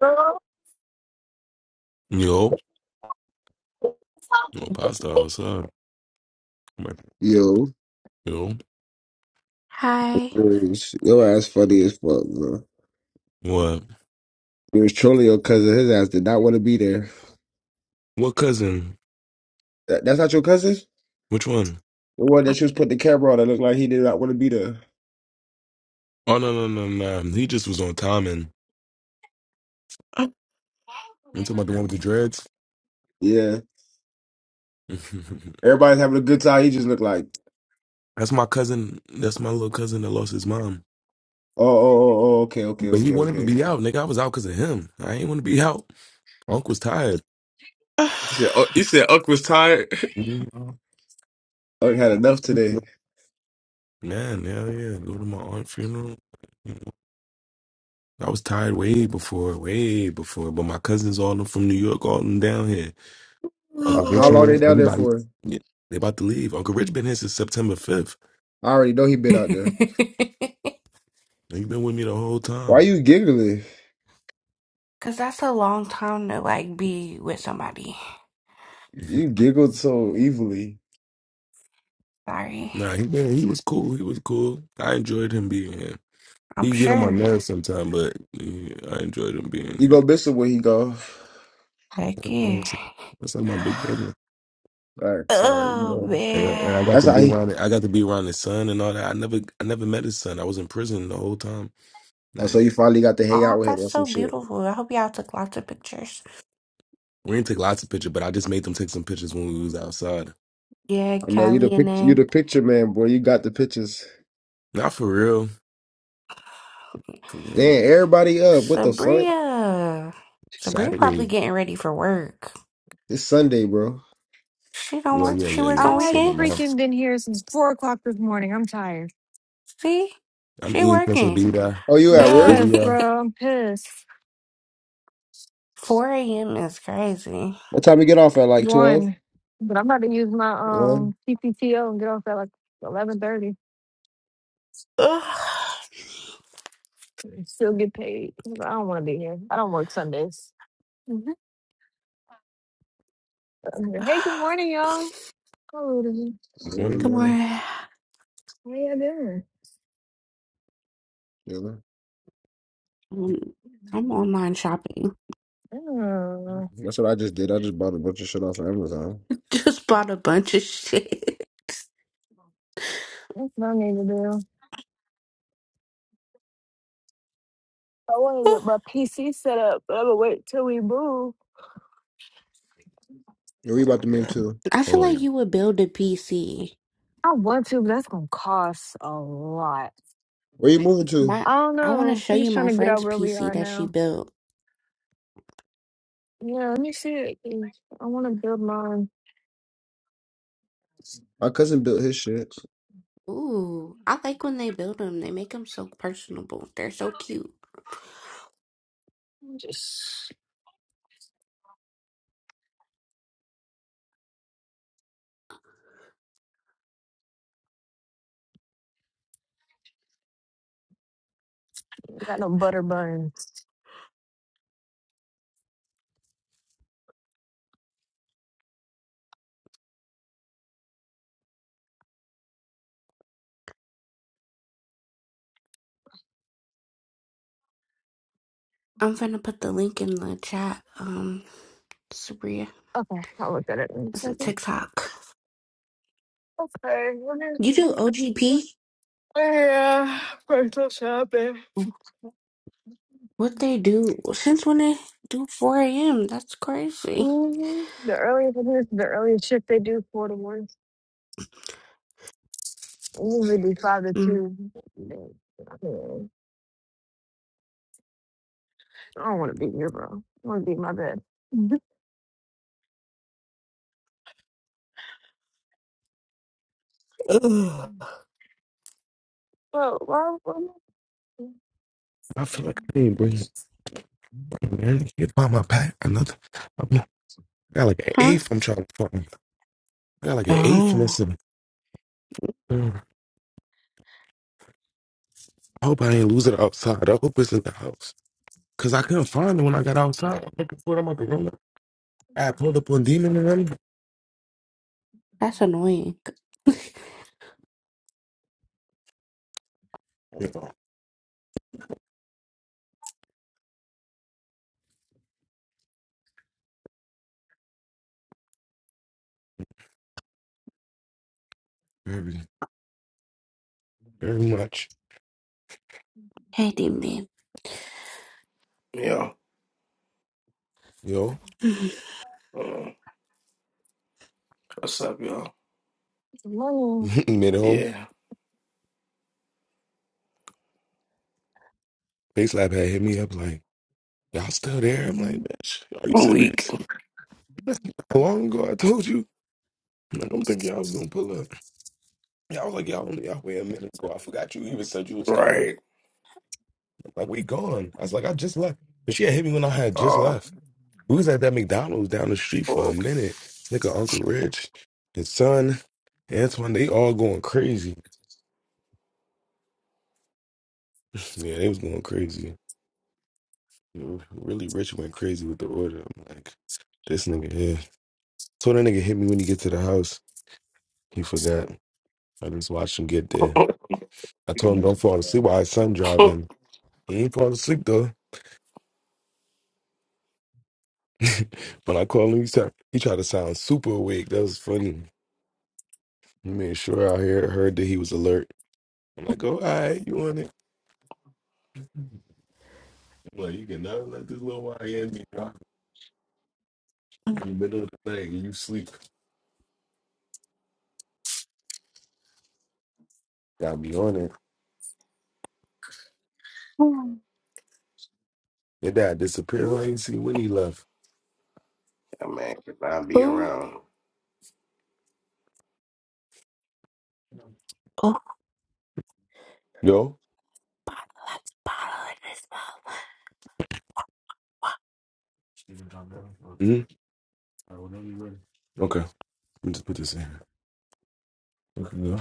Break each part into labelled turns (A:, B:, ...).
A: Go.
B: Yo, no pasta outside. I'm Like,
C: Yo,
B: Yo,
D: Hi.
C: was, your ass funny as fuck, bro.
B: what?
C: You was trolling your cousin. His ass did not want to be there.
B: What cousin?
C: That, that's not your cousin?
B: Which one?
C: The one that you was putting the camera on that looked like he did not want to be there.
B: Oh no no no no! He just was on timing. You talking about the one with the dreads?
C: Yeah. Everybody's having a good time. He just looked like,
B: That's my cousin. That's my little cousin that lost his mom.
C: oh, oh, oh, oh, okay, okay,
B: But he
C: okay,
B: wanted to
C: okay.
B: be out, nigga. I was out because of him. I ain't want to be out. Unc was tired.
C: You said, uh, you said Uck was tired. I had enough today.
B: Man, hell yeah. Go to my aunt's funeral. I was tired way before, way before. But my cousins all them from New York, all them down here. Uncle
C: How, how
B: Rich
C: long they
B: man,
C: down there
B: everybody
C: for?
B: yeah, they about to leave. Uncle Rich been here since September fifth.
C: I already know he been out there.
B: He been with me the whole
C: Why
B: time.
C: you giggling?
D: Cause that's a long time to like be with somebody.
C: You giggled so evilly.
D: Sorry.
B: nah, he been he was cool. He was cool. I enjoyed him being here.
D: I'm
B: He get on my
D: sure.
B: nerves sometimes, but yeah, I enjoyed him being
C: You go miss him when he go.
D: Like yeah.
B: here. That's like my big brother.
C: All right, sorry. You
D: Oh
C: know.
B: And,
D: man.
B: and I got
C: That's
B: to
C: how
B: be
C: he.
B: around it. I got to be around his son and all that. I never I never met his son. I was in prison the whole time.
C: Oh, so
B: Like
C: you finally got to hang
D: Oh,
C: out with him
D: that's
C: or some
D: so
C: shit.
D: beautiful. I hope y'all took lots of pictures.
B: we didn't take lots of pictures, but I just made them take some pictures when we was outside.
D: Yeah,
C: I know you the
D: Callie and
C: pic you the
D: then
C: picture man, boy. You got the pictures.
B: Not for real. For real.
C: Damn, everybody up. What the fuck?
D: Sabria. Sabria probably
B: Saturday.
D: getting ready for work.
C: It's Sunday, bro.
D: She don't
B: Well,
D: work
B: yeah,
D: she
B: yeah,
D: work
B: yeah.
D: on
E: I've
B: Saturday
D: weekends?
B: night.
E: freaking been here since four o'clock this morning. I'm tired.
D: See?
B: I'm
D: She
B: Ian
D: working.
B: Quesabita.
C: Oh, you at work?
E: Yes,
B: Quesabita.
E: bro. I'm pissed.
D: 4 a.m. is crazy.
C: What time you get off at? Like 12?
E: One, but I'm about to use my
C: 1?
E: um PPTO and get off at like eleven thirty.
D: Ugh.
E: Still get paid. I don't want to be here. I don't work Sundays. Mhm. Hey, good morning, y'all. Hello. How
C: 1 in the
B: Morning.
D: Good
C: morning.
D: morning.
E: you doing?
C: Yeah. man.
D: Um, I'm online shopping.
E: Oh,
C: That's what I just did. I just bought a bunch of shit off of Amazon.
D: Just bought a bunch of shit.
E: that's what I need to do. I want to get my PC set up, but I'm gonna wait till we move.
C: Where
B: Oh,
C: you about to move
B: damn.
C: to?
D: I
B: Hold
D: feel
B: on.
D: like
B: y'all.
D: you would build a PC.
E: I want to, but that's gonna cost a lot.
C: Where you moving to?
D: My,
E: I don't
D: I want to
E: know.
D: show
E: We're
D: you
E: just trying
D: my
E: to get out
D: friend's
E: where we
D: PC
E: are
D: that she
E: now.
D: built.
E: Yeah, let me see it. 'cause I want to build mine.
C: My cousin built his shit.
D: Ooh, I like when they build them. They make them so personable. They're so cute.
E: Just got no butter buns.
D: I'm gonna put the link in the chat. Um, Sabria,
E: Okay, I'll look at it in a
D: it's a
E: second.
D: TikTok.
E: Okay, what is
D: You do
E: the-
D: OGP?
E: yeah, personal shopping.
D: What they do? Since when they do 4 a.m.? That's crazy.
E: hmm The earliest it is, the earliest shift they do four to one. It usually be five to two. Mm, I don't want to be here, bro. I want to be in my bed.
D: Ugh.
E: Well, why? why-
B: I feel like I ain't bringing man. You find my pack. Another. I'm, I got like an
D: Huh?
B: eighth. I'm trying to find. I got like an eighth in
D: Oh.
B: this. and- I hope I ain't lose it outside. I hope it's in the house. Cause I couldn't find it when I got outside. I'm looking for it. I'm at the room. I had pulled up on Demon and them.
D: That's annoying.
B: You know, very, very much.
D: Hey, demon.
F: Yeah.
B: Yo,
D: Ooh,
F: Uh, what's up, y'all?
E: It's Money.
B: mid home.
F: Yeah.
B: Face Lab had hit me up like, y'all still there? I'm like, bitch, are you
F: I'm weak.
B: serious? How long ago I told you? I don't think y'all was gonna pull up. Y'all was like, y'all only y'all wait a minute ago. I forgot you even said you was coming.
F: Right.
B: I'm like, we gone. I was like, I just left. But she had hit me when I had just
F: Oh.
B: left. We was at that McDonald's down the street for a minute. This nigga Uncle Rich, his son, Antoine, they all going crazy. Yeah, they was going crazy. Really Rich went crazy with the order. I'm like, this nigga here. Told that nigga hit me when he get to the house. He forgot. I just watched him get there.
F: yeah,
B: I told him don't fall asleep while his son driving. He ain't fall asleep though. when I called him, he tried, he tried to sound super awake. That was funny. He made sure I heard, heard that he was alert. I'm like, oh, all right, you on it? Well, you cannot let this little YN be rocking in the middle of the night and you sleep. Got me on it.
D: Ooh,
B: Your dad
E: I'm
B: disappeared. I ain't see when he left.
F: man, could not be
D: ooh,
F: around.
D: Oh.
B: Yo?
D: let's bottle in this
B: hmm Okay. Let me just put this in. Okay, go.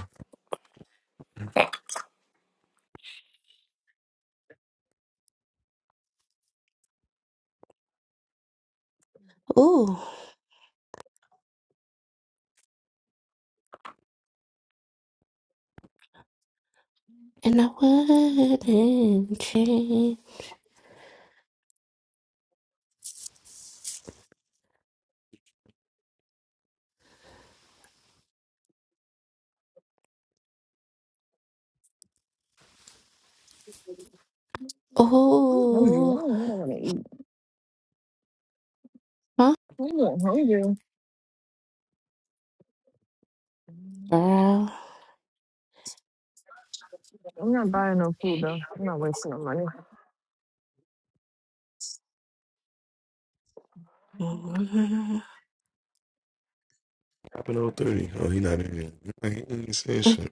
D: bottle. Ooh, and I wouldn't change.
E: hungry. I
D: Ooh,
E: don't even know what to eat.
D: huh?
E: I'm not hungry.
D: Girl.
E: I'm not buying no food though. I'm not wasting no money.
D: Mm.
B: Happened on 30. Oh, he not in here. Like, He ain't saying
D: Eh,
B: shit.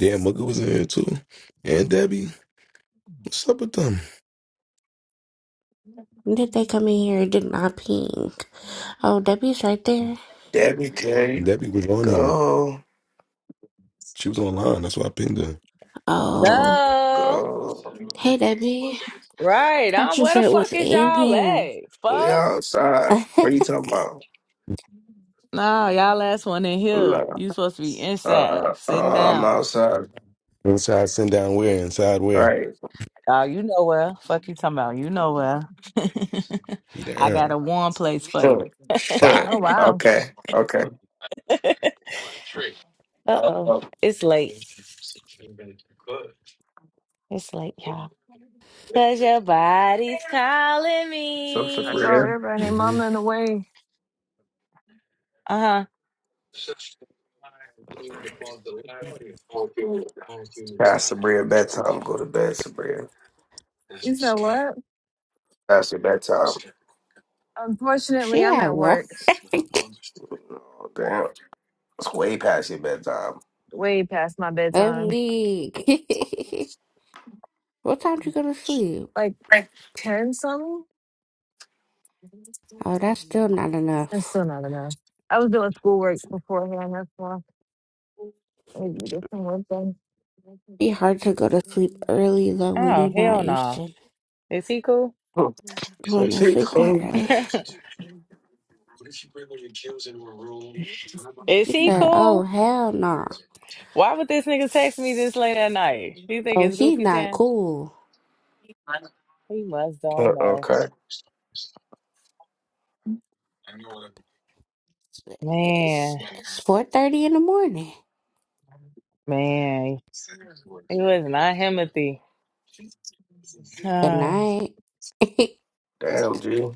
B: Damn, Mugga was in here too. And Debbie, what's up with them?
D: Did they come in here? and Did not ping. Oh, Debbie's right there.
F: Debbie K.
B: Debbie was on here.
F: Go.
B: She was online. That's why I pinged her.
D: Oh,
G: Duh.
F: Go.
D: hey Debbie. I
G: Right.
D: thought
G: I'm,
D: you
G: where the
D: said was
G: fuck is
D: in
G: y'all
D: here.
G: at?
F: We
G: Fuck.
F: outside. What are you talking about?
G: No, y'all last one in
F: I'm
G: here.
F: not.
G: You supposed to be
F: Uh,
G: inside,
F: uh,
G: sitting
F: uh, I'm
G: down.
F: outside.
B: Inside, send down where? Inside where?
F: Right.
G: Oh, you know where. Fuck you talking about. You know where. I got
B: Damn.
G: a warm place for you.
F: Huh,
B: Shot.
E: Oh
F: huh.
E: wow!
F: okay. Okay. Uh,
G: Uh-oh.
F: uh,
G: It's late. It's late, y'all. Cause your body's calling
F: so,
E: I
G: me.
E: thought
F: Sabria.
E: everybody, and
B: hmm
E: mama, in the way.
G: Uh-huh.
F: Yeah, Sabria, bedtime. Go to bed, Sabria.
E: You said what?
F: That's your bedtime.
E: Unfortunately,
D: she
E: I'm
D: at
E: at
D: work.
E: work
F: Oh, damn. It's way past your bedtime.
E: way past my
D: I'm
E: bedtime,
D: weak. what time you go to sleep?
E: like
F: Right.
E: ten something.
D: Oh, that's still not
E: That's
D: enough.
E: still not enough. I was doing schoolwork beforehand. That's why I need to get some work done.
D: Be hard to go to sleep early though when
G: Oh,
D: you're
G: hell
D: not used
G: no.
D: to
G: Is he cool?
D: going
F: What's
D: to
F: he
D: sleep that
F: clean?
D: early.
G: Is
D: He
G: he
D: said, "Oh
G: cool?
D: hell no!
G: Why would this nigga text me this late at night? You think
D: Oh,
G: it's
D: he's
G: goofy
D: not
G: time?
D: cool.
G: He must
F: Uh,
G: don't know.
F: Okay.
D: It's
G: Man,
D: it's four thirty in the morning.
G: man, it was not Himothy.
D: Good
G: Ah,
D: night."
F: Damn, G.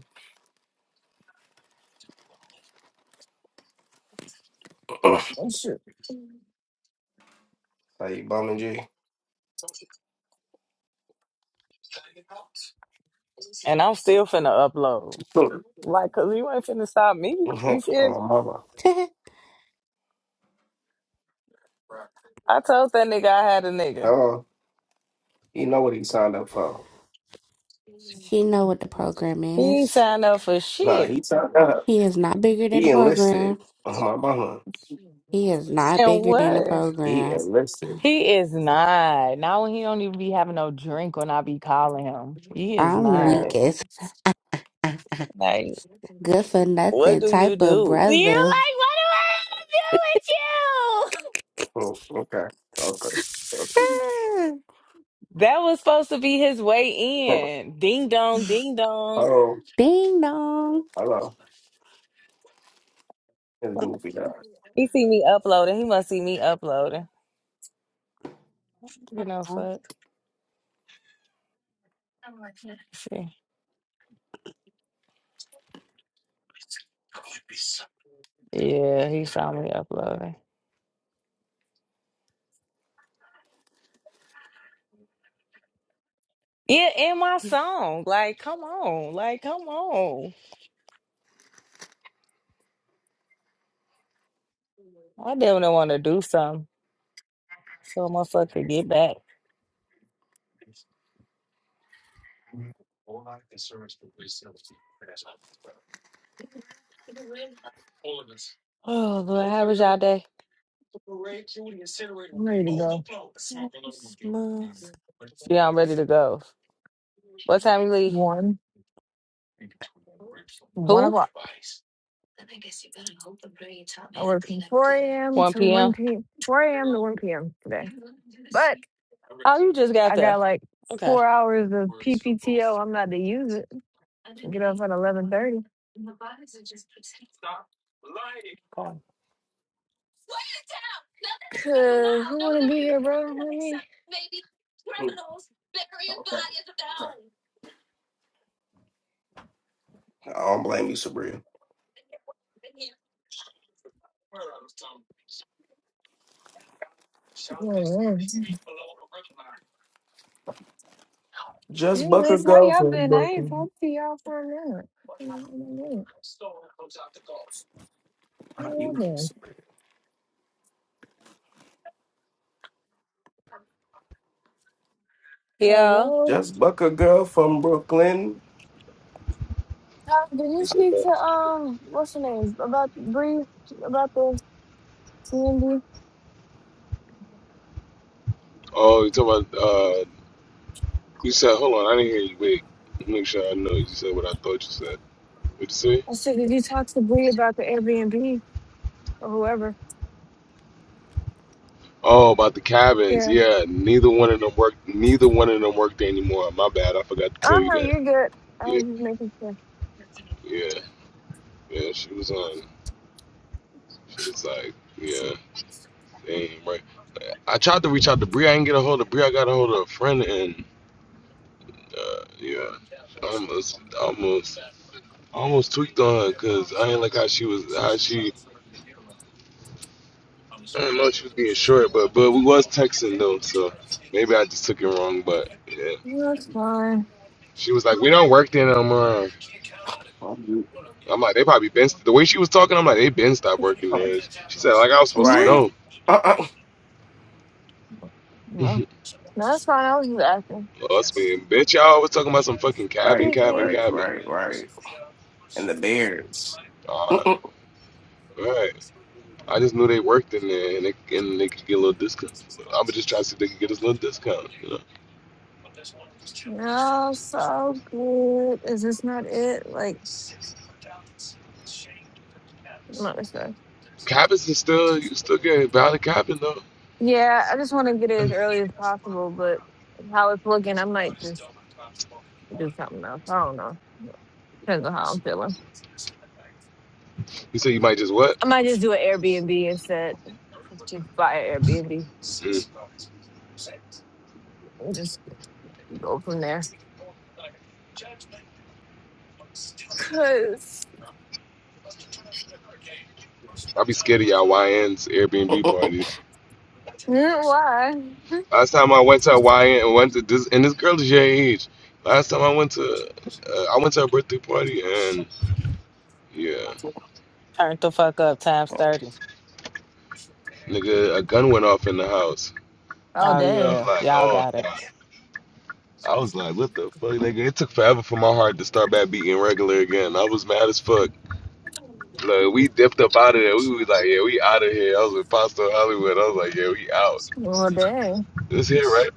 F: How
E: Oh, shoot.
F: you bumming, G?
G: and I'm still finna upload.
F: oh,
G: Like, cause you ain't finna stop me.
F: my
G: You feel? me?
F: mama.
G: I told that nigga I had a nigga.
F: Hello. You know what he signed up for.
D: he know what the program
G: He ain't
D: is.
G: signed up for
F: Nah,
G: shit.
F: he signed up.
D: He is not bigger than
F: He
D: the
F: enlisted.
D: program.
F: Oh, my mama.
D: He is not
G: And
D: bigger than the
G: what?
F: He
E: I'm
D: program.
F: enlisted.
G: He is not. Now he don't even be having no drink when I be calling him. He is
D: I'm
G: not.
F: Damn.
D: weak as.
G: Like,
D: Good for
G: what
D: nothing
G: do you
D: type of
G: do? You're
D: brother.
G: like, what do I have to do with you?
F: Oh, okay. Okay. Okay.
D: Ah,
G: That was supposed to be his way
F: Oh,
G: in. Ding dong, ding dong.
F: hello.
D: Ding dong.
F: Hello. It's goofy, guys.
G: He see me uploading. He must see me uploading. You know, fuck. See. Yeah, he saw me uploading. Yeah, in my song. Like, come on. Like, come on. I didn't want to do something. So motherfucker, get back. Oh, Lord, how was y'all day?
E: ready to go.
D: Christmas.
G: Yeah, I'm ready to go. What time you leave?
E: One, one
G: Who?
E: o'clock. I work from 4 a.m.
G: 1
E: to 1
G: p.m.
E: p.m. 4 a.m. to 1 p.m. today. But
G: Oh, you just got
E: I
G: there.
E: got like
G: Okay.
E: four hours of PPTO. I'm not to use it. Get off at 11:30. Cause who wanna be here, bro? Not me.
F: Okay. Okay. I don't blame you, Sabria.
E: Mm.
F: Just Bucker
E: Anyways, how y'all
F: girlfriend,
E: been? I ain't
F: Bucker.
E: talked to y'all for a minute. How y'all
F: You,
E: been?
F: Sabria.
G: Yeah.
E: Hello.
F: Just buck a girl from Brooklyn.
E: Tyler, did you
B: You said
E: speak
B: that.
E: to um what's her name about Bree about the Airbnb?
B: Oh, you talking about? Uh, you said. Hold on, I didn't hear you. Wait, make sure I know. You said what I thought you said. What you say?
E: I said, did you talk to Bree about the Airbnb or whoever?
B: Oh, about the cabins.
E: Yeah.
B: Yeah, neither one of them work. Neither one of them worked anymore. My bad. I forgot to tell
E: Oh
B: you
E: no,
B: that.
E: you're good. I
B: Yeah,
E: was just making sure.
B: yeah, yeah. She was on. She was like, yeah,
E: Shoot.
B: they ain't right. I tried to reach out to Bree. I didn't get a hold of Bree. I got a hold of a friend, and. Uh, yeah, almost, almost, almost tweaked on her because I didn't like how she was, how she, I don't know, she was being short, but but we was texting though, so maybe I just took it wrong. But yeah,
E: No, That's fine.
B: she was like, "We don't work there no more."
F: Um,
B: I'm like, "They probably been st-" the way she was talking." I'm like, "They been stopped working there." She said, "Like I was supposed to
E: no,
F: Right.
B: know."
F: Uh-uh.
E: no, that's fine. I was just asking.
B: Well, that's being bitch. Y'all was talking about some fucking cabin,
F: right.
E: Excuse
B: cabin,
E: me.
F: Right.
B: cabin.
F: Right. Right. And the Bears.
B: Uh, right. I just knew they worked in there and they and they could get a little discount. I'm just trying to see if they could get us a little discount. You know?
E: No, so good. Is this not it? Like, I'm not really sure.
B: Cabins is still you still get a valid cabin though.
E: Yeah, I just want to get it as early as possible, but how it's looking, I might just do something else. I don't know. Depends on how I'm feeling.
B: You said you might just what?
E: I might just do an Airbnb instead. Just buy an Airbnb
B: Mm.
E: and just go from there. Cause you
B: I'll be scared of y'all YNs Airbnb parties.
E: know why?
B: Last time I went to a YN and went to this and this girl is your age. Last time I went to uh, I went to a birthday party and yeah,
G: Turn the fuck up times 30.
B: nigga, a gun went off in the house.
E: Oh
G: Oh,
E: dang.
B: I was
G: yeah.
B: like,
G: Y'all
B: oh.
G: got it.
B: nah. I was like, what the fuck, nigga? It took forever for my heart to start back beating regular again. I was mad as fuck. Like, we dipped up out of there. We was like, yeah, we out of here. I was with Pastor Hollywood. I was like, yeah, we out.
E: Well dang.
B: This here, right?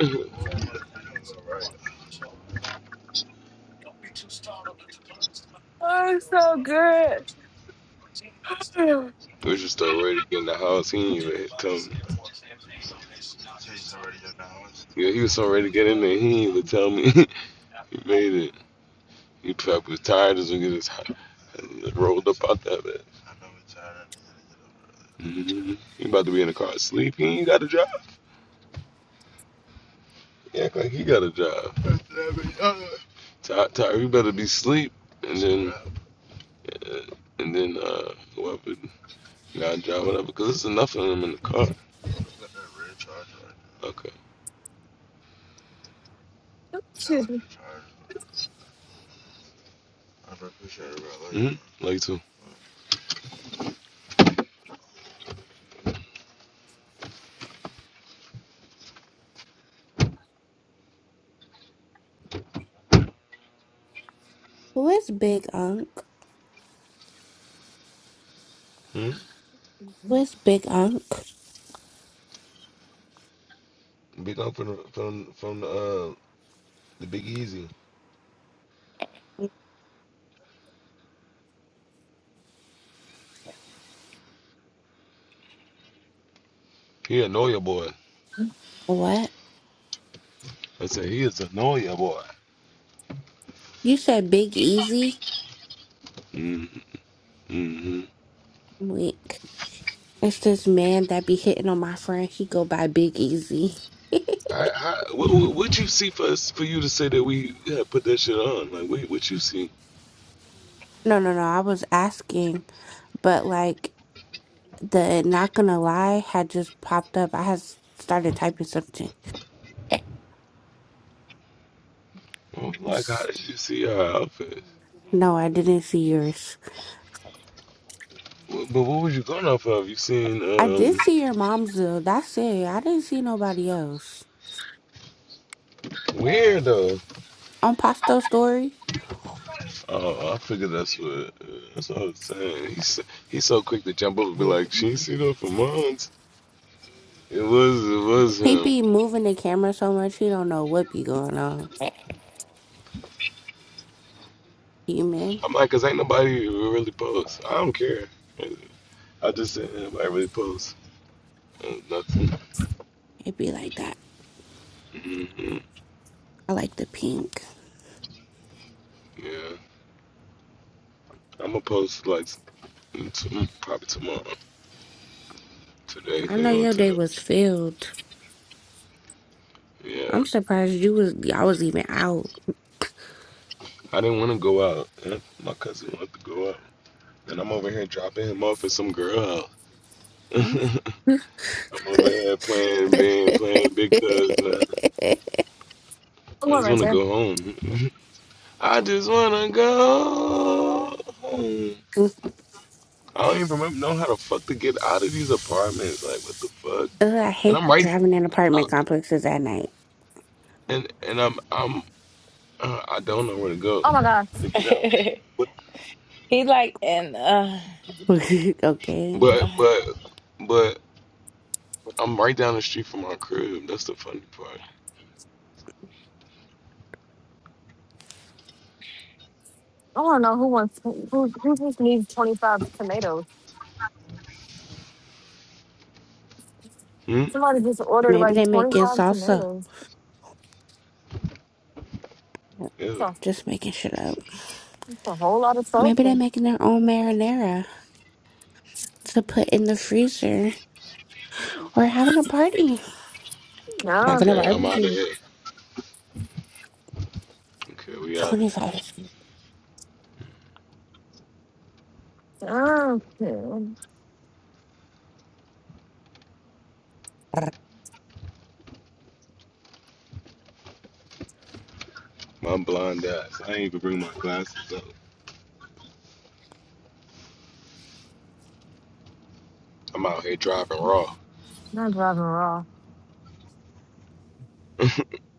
B: We
E: Oh, it's so good.
B: was just already in the house. He ain't even tell me. Yeah, he was so ready to get in there. He ain't even tell me. he made it. He probably was tired as we get his rolled up out that bed. hmm He about to be in the car asleep. He ain't got a job. He act like he got a job. Ty Ty, you better be asleep. And then, uh, and then, uh, whoever got a job, whatever. Cause there's enough of them in the car. Okay.
E: Excuse me.
B: I appreciate hmm Like mm-hmm. Like too.
D: Who is Big Unk?
B: hmm
D: Who is Big Unk?
B: Big up from from from uh, the Big Easy. He annoy your boy.
D: What?
B: I said he is annoy your boy.
D: You said Big Easy?
B: Mm-hmm.
D: I'm weak. It's this man that be hitting on my friend. He go by Big Easy.
B: I, I, what, what what you see for us, for you to say that we had put that shit on? Like, what, what you see?
D: no, no, no. I was asking, but like the not gonna lie had just popped up. I had started typing something.
B: Like, how
D: It's,
B: did you see our outfit?
D: no, I didn't see yours.
B: But what was you going off of? You seen
D: I did
B: um
D: see your mom's though. That's it. I didn't see nobody else.
B: weirdo?
D: On Pasto Story,
B: Oh, I figured that's what. uh, That's what I was saying. He's he's so quick to jump up and be like, she ain't seen that for months. It was it was
D: he
B: him.
D: be moving the camera so much he don't know what be going on. Human.
B: I'm like, cause ain't nobody really post. I don't care. I just said ain't nobody really post. Uh, nothing.
D: It be like that.
B: hmm
D: I like the pink.
B: Yeah. I'm gonna post like to, probably tomorrow, today,
D: I
B: later
D: know
B: on
D: your day
B: today.
D: was filled.
B: Yeah.
D: I'm surprised you was I was even out.
B: I didn't want to go out. and My cousin wanted to go out, and I'm over here dropping him off at some girl. I'm
D: I'm-
B: over here playing, being playing big cuz, man.
E: I'm
B: I
E: going
B: just
E: right
B: want to
E: there.
B: go home. I just want to go home. I don't even remember know how the fuck to get out of these apartments. Like, what the fuck?
D: Ugh, I
B: And
D: hate
B: I'm right,
D: driving in apartment complexes at night.
B: and and I'm I'm Uh, I don't know where to go
E: Oh my gosh.
B: to get out. But
G: he like, and, uh,
D: okay.
B: but
G: uh
B: but but I'm right down the street from our crib. That's the funny part.
E: I want to know who wants who, who just needs 25 tomatoes.
B: Hmm.
E: Somebody just ordered
D: Maybe
E: like
D: they making
E: 25
D: salsa.
E: tomatoes. It's
B: Yeah.
E: a,
D: Just making shit up.
E: it's a whole lot of
D: Maybe they're
E: something.
D: making their own marinara to put in the freezer or having a party, having a
B: Okay,
E: Nothing.
B: I'm out of
D: barbecue.
B: here. Okay, we out of here.
D: Twenty five.
E: Nothing.
B: my blind eyes. I ain't even bring my glasses up. I'm out here driving raw.
E: Not driving raw.
B: I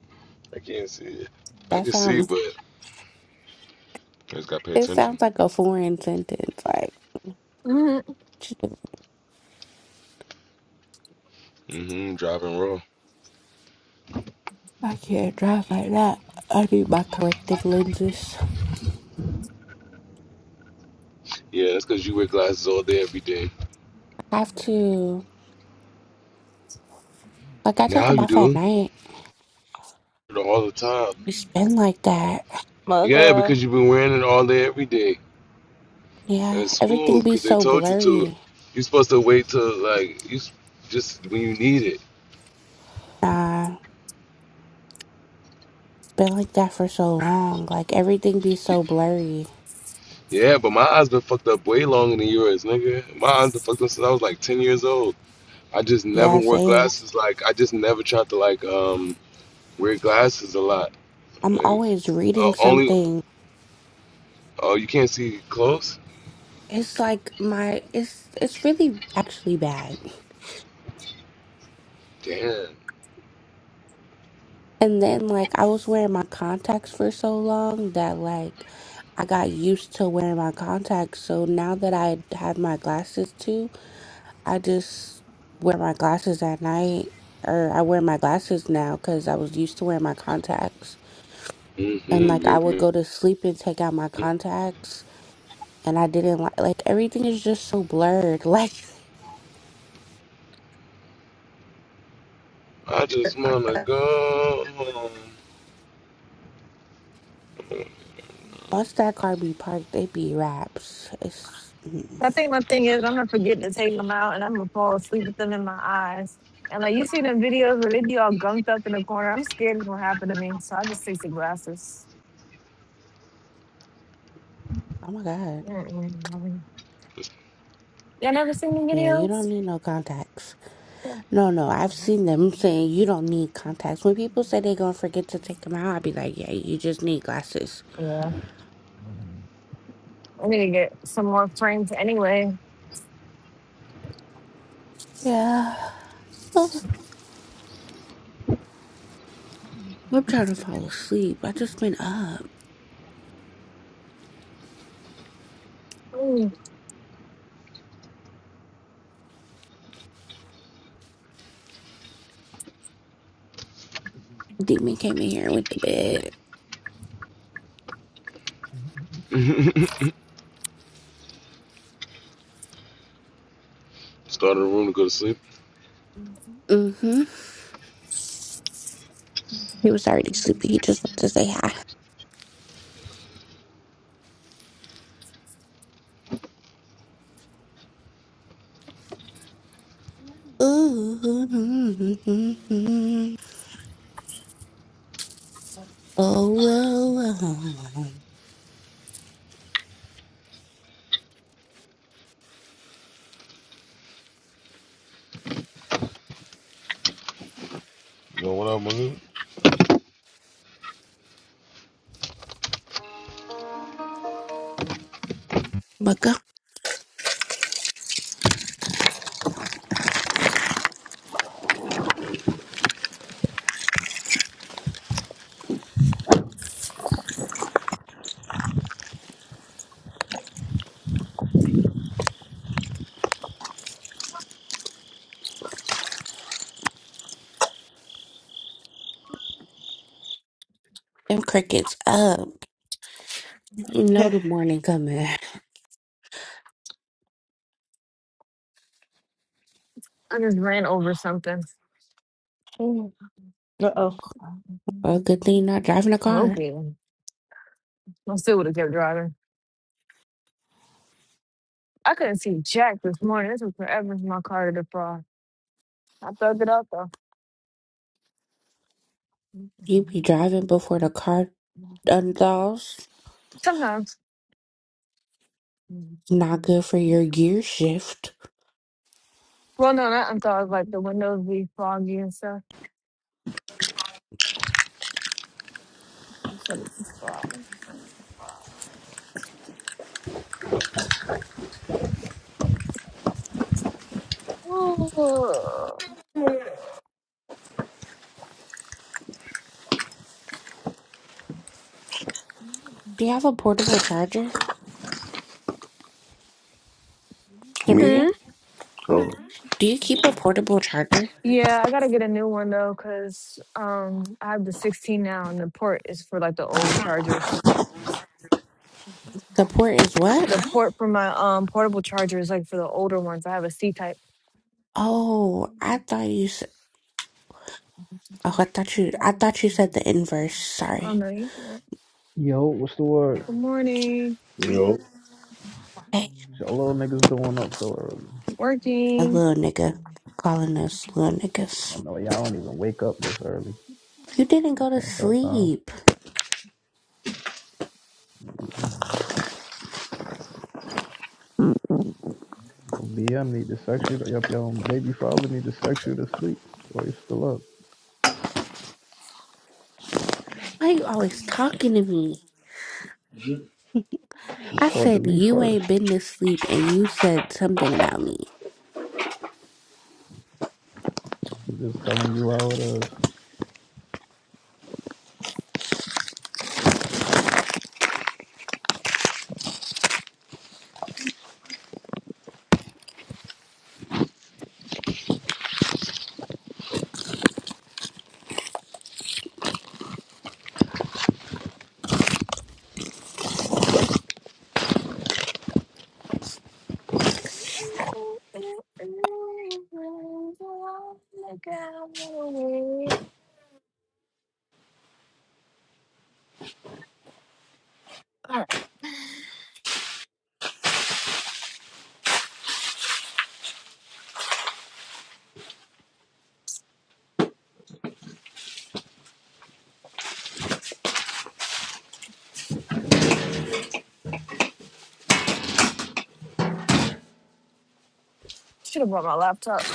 B: can't see it. I
D: That
B: can see,
D: sounds.
B: but I just gotta pay
D: It
B: attention.
D: sounds like a foreign sentence. Like
E: hmm
B: mm hmm Driving raw.
D: I can't drive like that. I need my corrective lenses.
B: Yeah, that's because you wear glasses all day every day.
D: I have to. Like I take
B: Now
D: them
B: you
D: off at
B: do
D: night.
B: all the time.
D: It's been like that.
B: Yeah,
G: mugga.
B: because you've been wearing it all day every day.
D: Yeah,
B: at school
D: everything be
B: because they
D: so
B: told you to.
D: blurry.
B: You're supposed to wait till like you s- just when you need it.
D: Nah, it's been like that for so long. Like everything be
B: Y-
D: so blurry.
B: Yeah, but my eyes been fucked up way longer than yours, nigga. My eyes been fucked up since I was like ten years old. I just never
D: Yeah,
B: wore
D: same.
B: glasses. Like I just never tried to like um wear glasses a lot.
D: I'm
B: Like,
D: always
B: uh,
D: reading
B: only
D: something
B: oh you can't see close.
D: It's like my it's it's really actually bad.
B: Damn.
D: And then like I was wearing my contacts for so long that like I got used to wearing my contacts. So now that I have my glasses too, I just wear my glasses at night or I wear my glasses now cuz I was used to wearing my contacts. And
B: Mm-hmm,
D: like I would
B: baby.
D: go to sleep and take out my contacts and I didn't like like everything is just so blurred. Like
B: I just wanna go. home.
D: once that car be parked, it be wraps. It's mm,
E: I think my thing is I'm gonna forget to take them out, and I'm gonna fall asleep with them in my eyes. And like you see the videos where they be all gunked up in the corner, I'm scared it's gonna happen to me, so I just take the glasses.
D: Oh my God.
E: Mm-mm. Y'all never seen the
D: Yeah, you
E: videos?
D: don't need no contacts. No, no, I've seen them saying you don't need contacts. When people say they're gonna forget to take them out, I'd be like, yeah, you just need glasses.
E: Yeah, I need to get some more frames anyway.
D: Yeah. Oh, I'm trying to fall asleep. I just been up.
E: Mm.
D: Demon came in here with the bed.
B: Started a room to go to sleep.
D: Mm-hmm. He was already sleepy. He just wanted to say hi. Ooh, mm, mm, mm. oh, well, oh.
B: Yo, what up, my nigga?
D: But go, them crickets up. You know the morning coming.
E: I just ran over something.
G: Uh-oh.
D: Well, good thing you're not driving a car.
E: Okay. I still would have kept driving. I couldn't see Jack this morning. This was forever for my car to defrost. I thugged it out though.
D: You be driving before the car undoes.
E: Sometimes.
D: Not good for your gear shift.
E: Well, no, not unthugged. Like the windows be foggy and stuff. Just it defrost.
D: Do you have a portable charger,
B: Me?
D: Sabria?
E: Hmm?
B: Oh.
D: Do you keep a portable charger?
E: Yeah, I gotta get a new one though, cause um I have the 16 now, and the port is for like the old chargers.
D: The port is what?
E: The port for my um portable charger is like for the older ones. I have a C type.
D: Oh, I thought you said. Oh, I thought you. I thought you said the inverse.
E: Oh
D: Sorry.
E: no, you good.
H: Yo, what's the word?
E: Good morning.
D: Hey,
H: Y'all little niggas doing up so early.
D: a
E: Working.
D: little nigga calling us little
H: I
D: niggas.
H: know y'all don't even wake up this early.
D: You didn't
H: This
D: go to
H: ain't y'all times.
D: sleep.
H: Mm. No BM need to sex you. Yup, your own baby father need to sex you to sleep. So you still up.
D: Why you always talking to me?
H: You
D: I
H: talk to
D: said
H: me
D: you
H: first.
D: ain't been to sleep, and you said something about me.
H: I'm just telling you how it is.
E: Should have brought my laptop.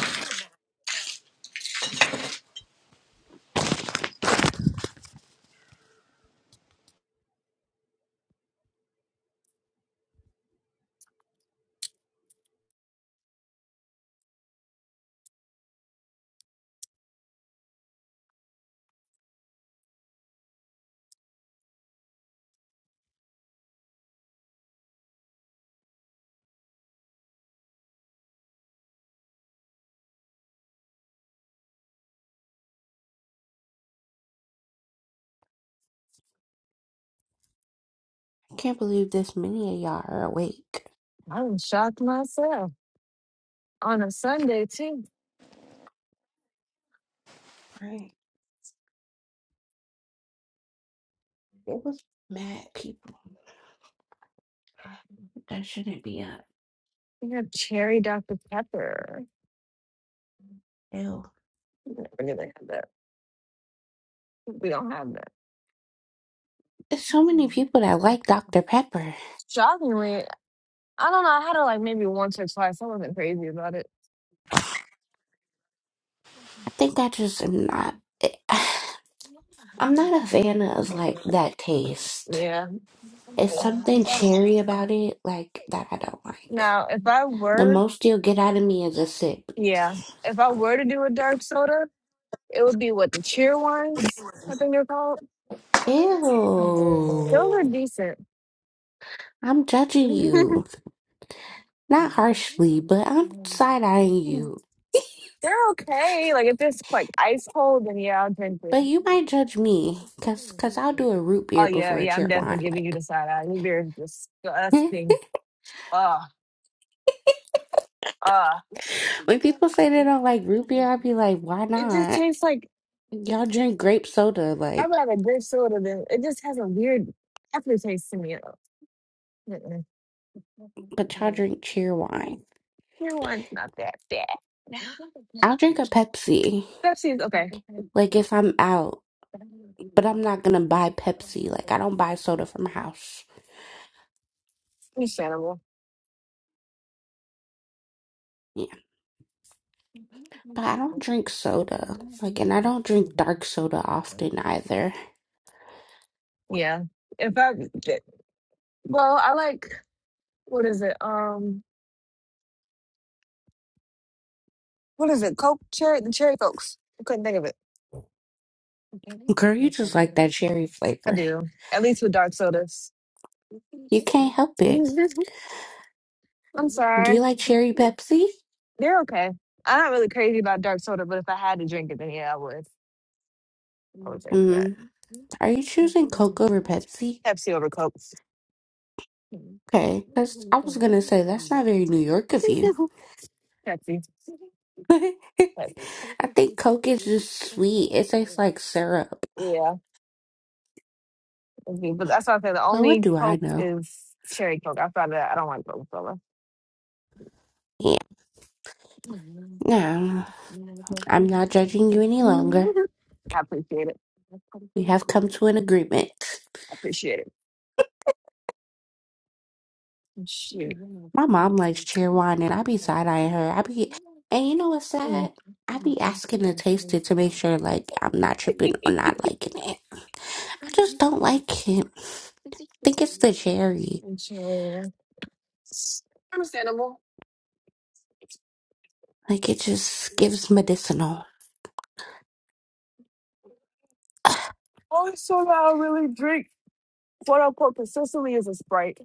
D: I can't believe this many of y'all are awake.
E: i was shocked myself. On a Sunday too.
D: Right. It was mad people that shouldn't be up.
E: We have cherry Dr. Pepper.
D: Ew.
E: I never knew they had that. We don't have that.
D: There's so many people that like Dr. Pepper.
E: Shockingly, I don't know. I had it like maybe once or twice. I wasn't crazy about it.
D: I think I just am not. I'm not a fan of like that taste.
E: Yeah.
D: It's something cherry about it, like that I don't like.
E: Now, if I
D: The
E: were,
D: most you'll get out of me is a sip.
E: yeah, if I were to do a dark soda, it would be what the cheer ones, I think they're called.
D: Ew.
E: Those are decent.
D: I'm judging you. Not harshly, but I'm side eyeing you.
E: They're okay. Like if it's like ice cold, then yeah, I'll drink it.
D: But you might judge me, cause, cause I'll do a root
E: Oh
D: beer
E: yeah,
D: before a
E: yeah, I'm
D: cheer wine.
E: definitely giving you the
D: Like,
E: side eye. Your beer is disgusting. Ugh, ugh.
D: when people say they don't like root beer, I'll be like, why
E: It just
D: not?
E: tastes like
D: Y'all drink grape soda,
E: I'd
D: like,
E: rather grape soda than it just has a weird aftertaste to me. Mm-mm.
D: but y'all drink cheer wine.
E: Your one's not that bad.
D: I'll drink a Pepsi,
E: Pepsi's okay. It's
D: like, if I'm out, but I'm not gonna buy Pepsi. Like, I don't buy soda from house.
E: Understandable.
D: Yeah. But I don't drink soda. Like, and I don't drink dark soda often either.
E: Yeah. If I well, I like what is it? Um What is it? Coke cherry, the cherry Cokes. I couldn't think of it.
D: Girl, you just like that cherry
E: I
D: flavor.
E: do. At least with dark sodas.
D: You can't help it.
E: I'm
D: Do
E: sorry.
D: you like cherry Pepsi?
E: They're okay. I'm not really crazy about dark soda, but if I had to drink it, then yeah, I would. I would drink that.
D: Mm. Are you choosing Coke over Pepsi?
E: Pepsi over Coke.
D: Okay, that's, I was gonna say, that's not very New York of you.
E: Pepsi. Pepsi.
D: I think Coke is just sweet. It tastes like syrup.
E: Yeah. Okay, But that's why I said the
D: But what
E: only
D: do I
E: Coke
D: know?
E: is cherry Coke. Outside of that, I don't like Coca Cola.
D: Yeah. No, I'm not judging you any longer.
E: I appreciate it. I
D: We have come to an agreement.
E: appreciate it. Shit. Mm.
D: My mom likes cheer wine, and I be side eyeing her. I be, and you know what's sad? I be asking to taste it to make sure, like, I'm not tripping or not liking it. I just don't like it. I think it's the cherry.
E: And Sure.
D: Like, it just gives medicinal.
E: Oh, so I really drink. Quote unquote, consistently is a Sprite.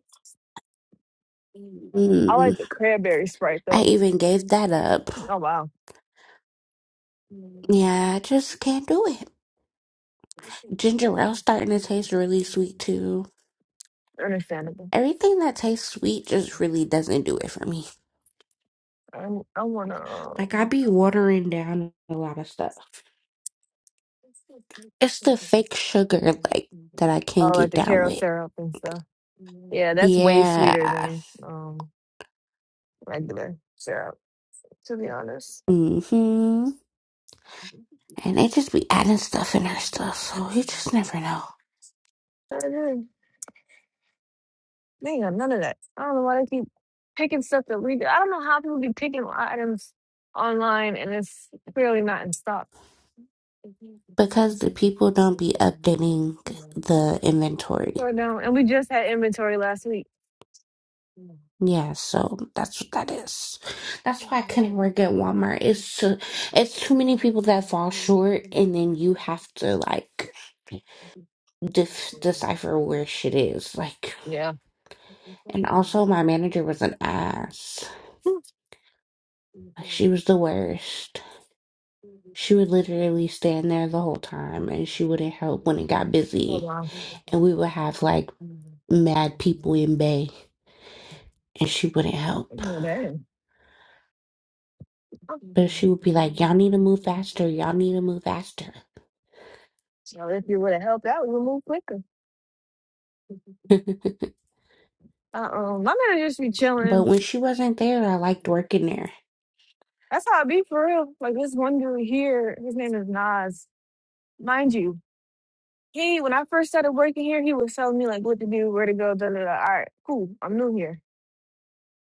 E: I like
D: Mm,
E: the cranberry Sprite
D: I
E: though.
D: even gave that up.
E: Oh wow,
D: Yeah, I just can't do it. Ginger ale's starting to taste really sweet too.
E: understandable.
D: Everything that tastes sweet just really doesn't do it for me.
E: I I wanna.
D: Like I
E: um,
D: be watering down a lot of stuff. It's the fake sugar like that I can't
E: Oh, like
D: get
E: the
D: down
E: carob
D: with.
E: syrup and stuff. Yeah, that's way sweeter
D: Yeah.
E: than um regular syrup. To be honest,
D: Mm-hmm.
E: I
D: And they just be adding stuff in our stuff, so you just never know.
E: didn't- they ain't got none of that. I don't know why they keep picking stuff that we. I don't know how people be picking items online and it's clearly not in stock.
D: Because the people don't be updating the
E: Sure
D: inventory.
E: don't. And we just had inventory last week. Yeah.
D: Yeah, so that's what that is. That's why I couldn't work at Walmart. It's too, it's too many people that fall short, and then you have to like def decipher where shit is. Like, and also my manager was an ass. Like, she was the worst. She would literally stand there the whole time, and she wouldn't help when it got
E: Oh
D: busy.
E: wow.
D: And we would have like mad people in bay, and she wouldn't help.
E: Well, dang.
D: But she would be like, "Y'all need to move faster. Y'all need to move faster."
E: So if you would have helped out, we would move quicker. Uh-uh. My man just be
D: But
E: chilling.
D: when she wasn't there, I liked working there.
E: That's how I be for real. Like this one dude here, his name is Nas. Mind you, he when I first started working here, he was telling me like what to do, where to go, da da da. All right, cool. I'm new here.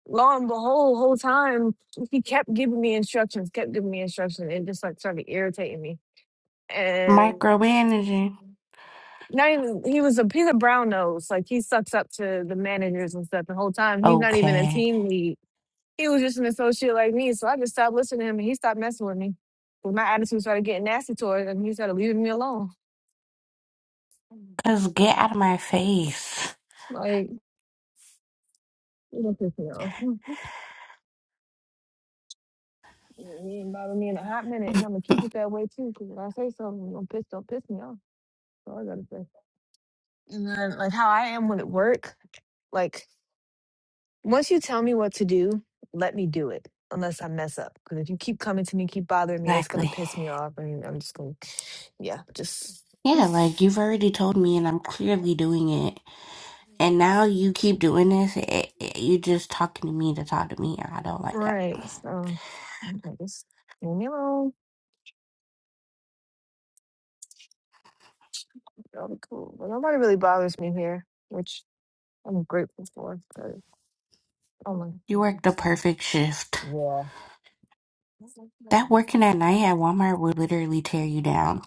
E: Lo and behold, whole time he kept giving me instructions, kept giving me instructions, and just like started irritating me. And
D: Micromanaging.
E: not even he was a he's a brown nose. Like he sucks up to the managers and stuff the whole time. He's not even a
D: Okay.
E: team lead He was just an associate like me, so I just stopped listening to him and he stopped messing with me. When my attitude started getting nasty towards him. He started leaving me alone.
D: Cause get out of my face.
E: Like, you don't piss me off. You ain't bothered me in a hot minute, and I'm gonna keep it that way too. Cause when I say something, don't piss, don't piss me off. That's all I gotta say. And then, like how I am when at work, like once you tell me what to do, let me do it. Unless I mess up, because if you keep coming to me, keep bothering me, it's gonna
D: Exactly.
E: piss me off, and I'm just gonna, yeah, just.
D: Yeah, like you've already told me and I'm clearly doing it. And now you keep doing this. It, it, you just talking to me to talk to me. I don't like that.
E: Right. So okay, just leave me alone. That'll be cool. But nobody really bothers me here, which I'm grateful for. 'cause- Oh my.
D: You worked the perfect shift.
E: Yeah.
D: That working at night at Walmart would literally tear you down.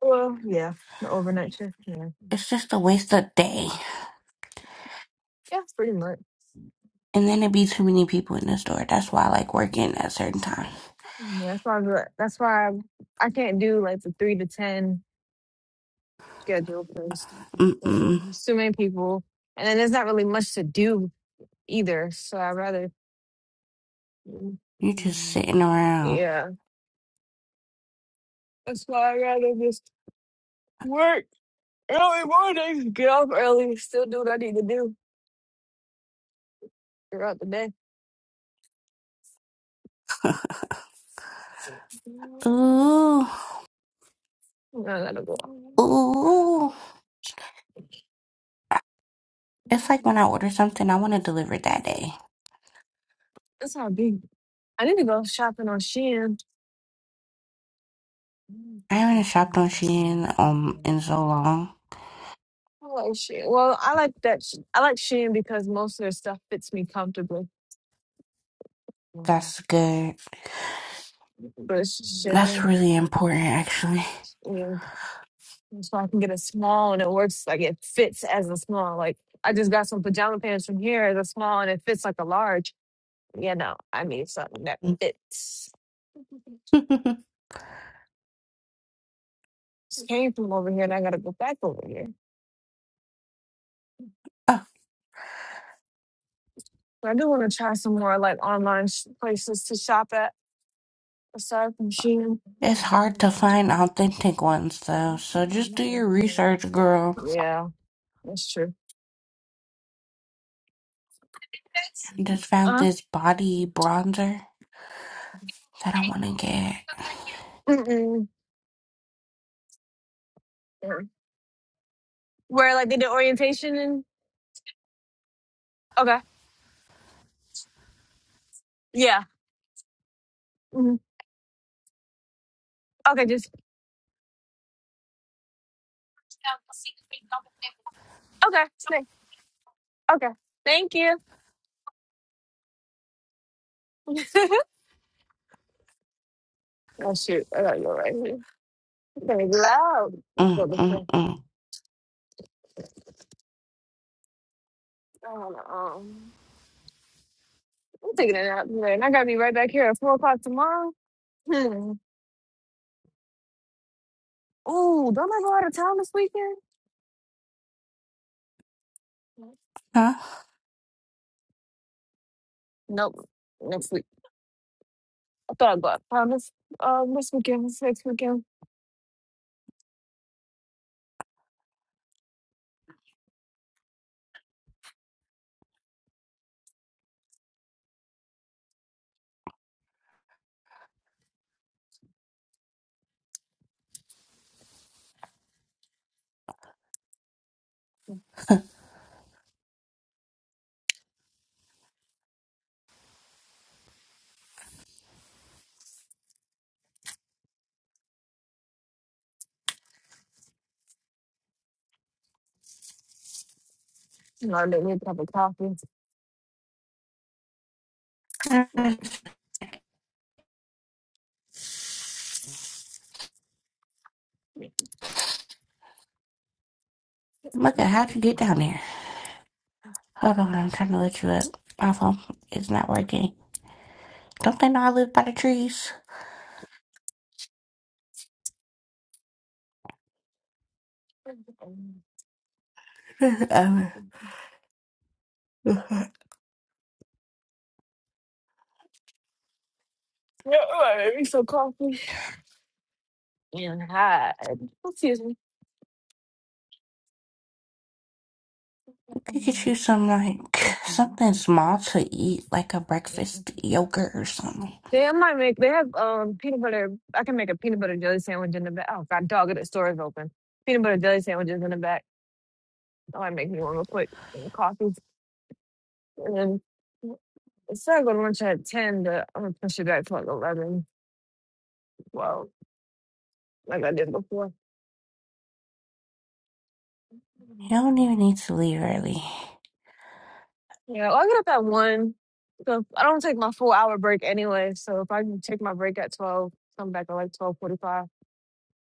E: Well, yeah. The overnight shift. Yeah.
D: It's just a waste of day.
E: Yeah, pretty much.
D: And then it'd be too many people in the store. That's why I like working at certain times.
E: Yeah, That's why. I, that's why I, I can't do like the three to ten schedule because
D: Mm-mm.
E: there's too many people, and then there's not really much to do either. So I would rather Mm,
D: You're just
E: mm.
D: sitting around.
E: Yeah, that's why I rather just work early morning, get off early, still do what I need to do throughout the day.
D: Ooh,
E: I gotta go out.
D: ooh. It's like when I order something, I want to deliver that day.
E: That's how it be. I need to go shopping on Shein.
D: I haven't shopped on Shein um in so long.
E: I like Shein. Well, I like that. sh- I like Shein because most of their stuff fits me comfortably.
D: That's good.
E: But it's just
D: That's
E: shipping.
D: really important, actually.
E: Yeah. And so I can get a small and it works like it fits as a small. Like I just got some pajama pants from here as a small and it fits like a large. You know, I need something that fits.
D: oh,
E: Just came from over here and I gotta go back over here. But I do want to try some more like online sh- places to shop at aside from Shein.
D: it's hard to find authentic ones though, so just do your research, girl.
E: Yeah, that's true.
D: I just found
E: Uh,
D: this body bronzer that I want to get.
E: mm-mm. where like they did orientation and okay, yeah. Mhm. Okay, just okay. thank- Okay, thank you. oh shoot, I gotta go right here. It's loud. Let's go
D: Mm
E: this way.
D: mm mm.
E: I do I'm taking a nap today, and I gotta be right back here at four o'clock tomorrow. Hmm. Ooh, don't I go out of town this weekend?
D: Huh?
E: Nope, next week. I thought I'd go out of town this um this weekend, this next weekend. You know, I didn't need a cup of coffee.
D: Yes.
E: Yeah,
D: Look at how'd you get down there? Hold on, I'm trying to let you up. My phone is not working. Don't they not live by the trees? Um,
E: all right, maybe some coffee. and hide. Excuse me.
D: could get you some like something small to eat, like a breakfast yogurt or something.
E: They might make they have um peanut butter I can make a peanut butter jelly sandwich in the back. Oh god dog the store is open. Peanut butter jelly sandwiches in the back. Oh I make me one real quick and coffee. And then instead of going to lunch at ten but I'm gonna push it back to like eleven, twelve, like I did before.
D: You don't even need to leave early.
E: Yeah, well, I get up at one. So I don't take my full hour break anyway. So if I can take my break at twelve, come back at like twelve forty five.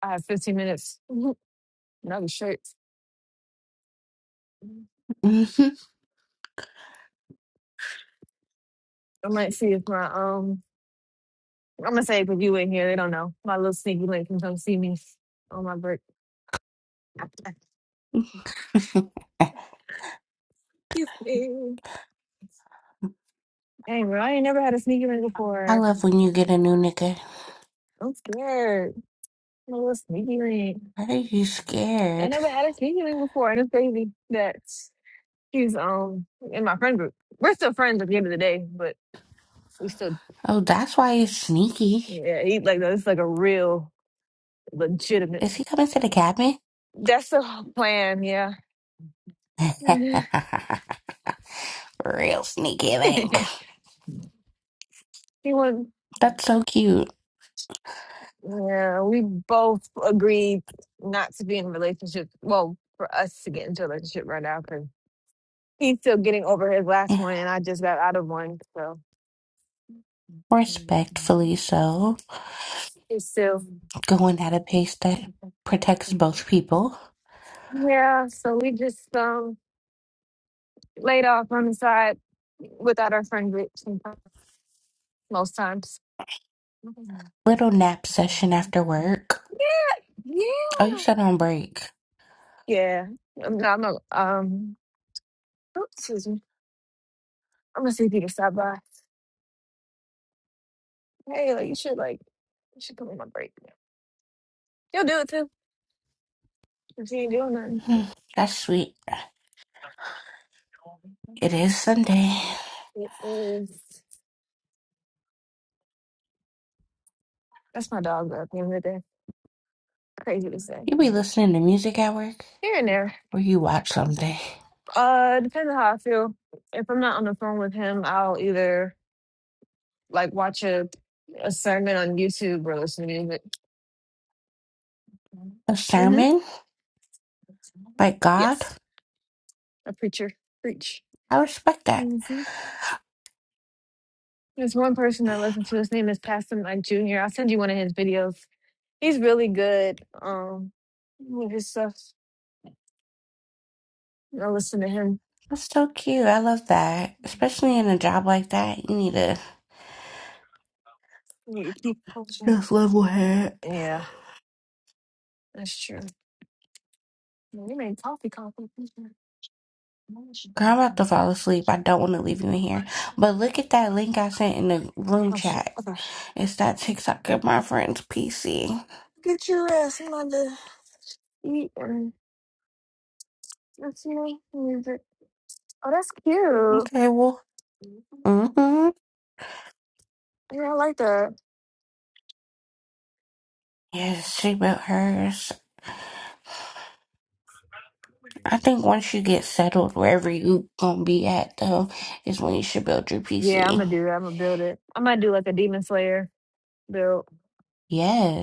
E: I have 15 minutes. Another shirt.
D: hmm
E: I might see if my um I'm gonna say if you in here, they don't know. My little sneaky link can come see me on my break. Excuse me. Dang, bro, I ain't never had a sneaky link
D: I
E: before.
D: love when you get a new nigga.
E: I'm scared. My little sneaky link.
D: Why are you
E: I
D: scared?
E: never had a sneaky link before, and it's crazy that he's um in my friend group. We're still friends at the end of the day, but we still
D: Oh, that's why you're sneaky.
E: yeah, he like that's like a real legitimate.
D: Is he coming to the cabin?
E: That's the plan, yeah.
D: Real sneaky link.
E: He was,
D: That's so cute.
E: yeah, we both agreed not to be in a relationship. Well, for us to get into a relationship right now, because he's still getting over his last
D: Yeah,
E: one, and I just got out of one. So
D: Respectfully so,
E: he's still,
D: going at a pace that protects both people.
E: yeah. So we just um laid off on the side without our friend group sometimes, most times.
D: Little nap session after work.
E: Yeah.
D: Oh, you said on break.
E: Yeah. I'm not, I'm not, um, oops, excuse me. I'm gonna see if he can stop by. Hey, like you should like you should come on my break. You'll do it too. If you ain't doing nothing.
D: Hmm, That's sweet. It is Sunday.
E: It is that's my dog though, at the end of the day. Crazy to say.
D: You be listening to music at work,
E: Here and there.
D: or you watch something.
E: Uh depends on how I feel. If I'm not on the phone with him, I'll either like watch a a sermon on YouTube or listen to music.
D: A
E: Mm-hmm.
D: sermon by God.
E: Yes. A preacher. Preach.
D: I respect that.
E: hmm There's one person I listen to. His name is Pastor Mike Jr. I'll send you one of his videos. He's really good um, with his stuff. I listen to him.
D: That's so cute. I love that. Especially in a job like that, you need a
E: Yeah, keep pushing.
D: just level head.
E: Yeah, that's true. We made coffee competition.
D: Girl, I'm about to fall asleep. I don't want to leave you in here. But look at that link I sent in the room
E: Oh shit.
D: chat.
E: Okay.
D: It's that TikTok of my friend's PC.
E: Get your ass in line to eat and listen to music. Oh, that's cute.
D: Okay, well, mm-hmm.
E: Yeah, I like that.
D: Yes, she built hers. I think once you get settled wherever you gonna be at though, is when you should build your
E: Yeah, I'm
D: PC.
E: gonna do that. I'm gonna build it. I'm gonna do like a Demon Slayer build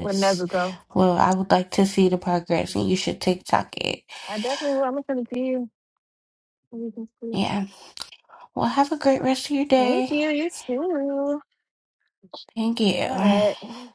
E: with Nezuko.
D: Well, I would like to see the progress and you should TikTok it.
E: I definitely will. I'm gonna send it to you. You can see.
D: Yeah. Well, have a great rest of your
E: Thank
D: day.
E: you. You too.
D: Thank
E: All
D: you.
E: right.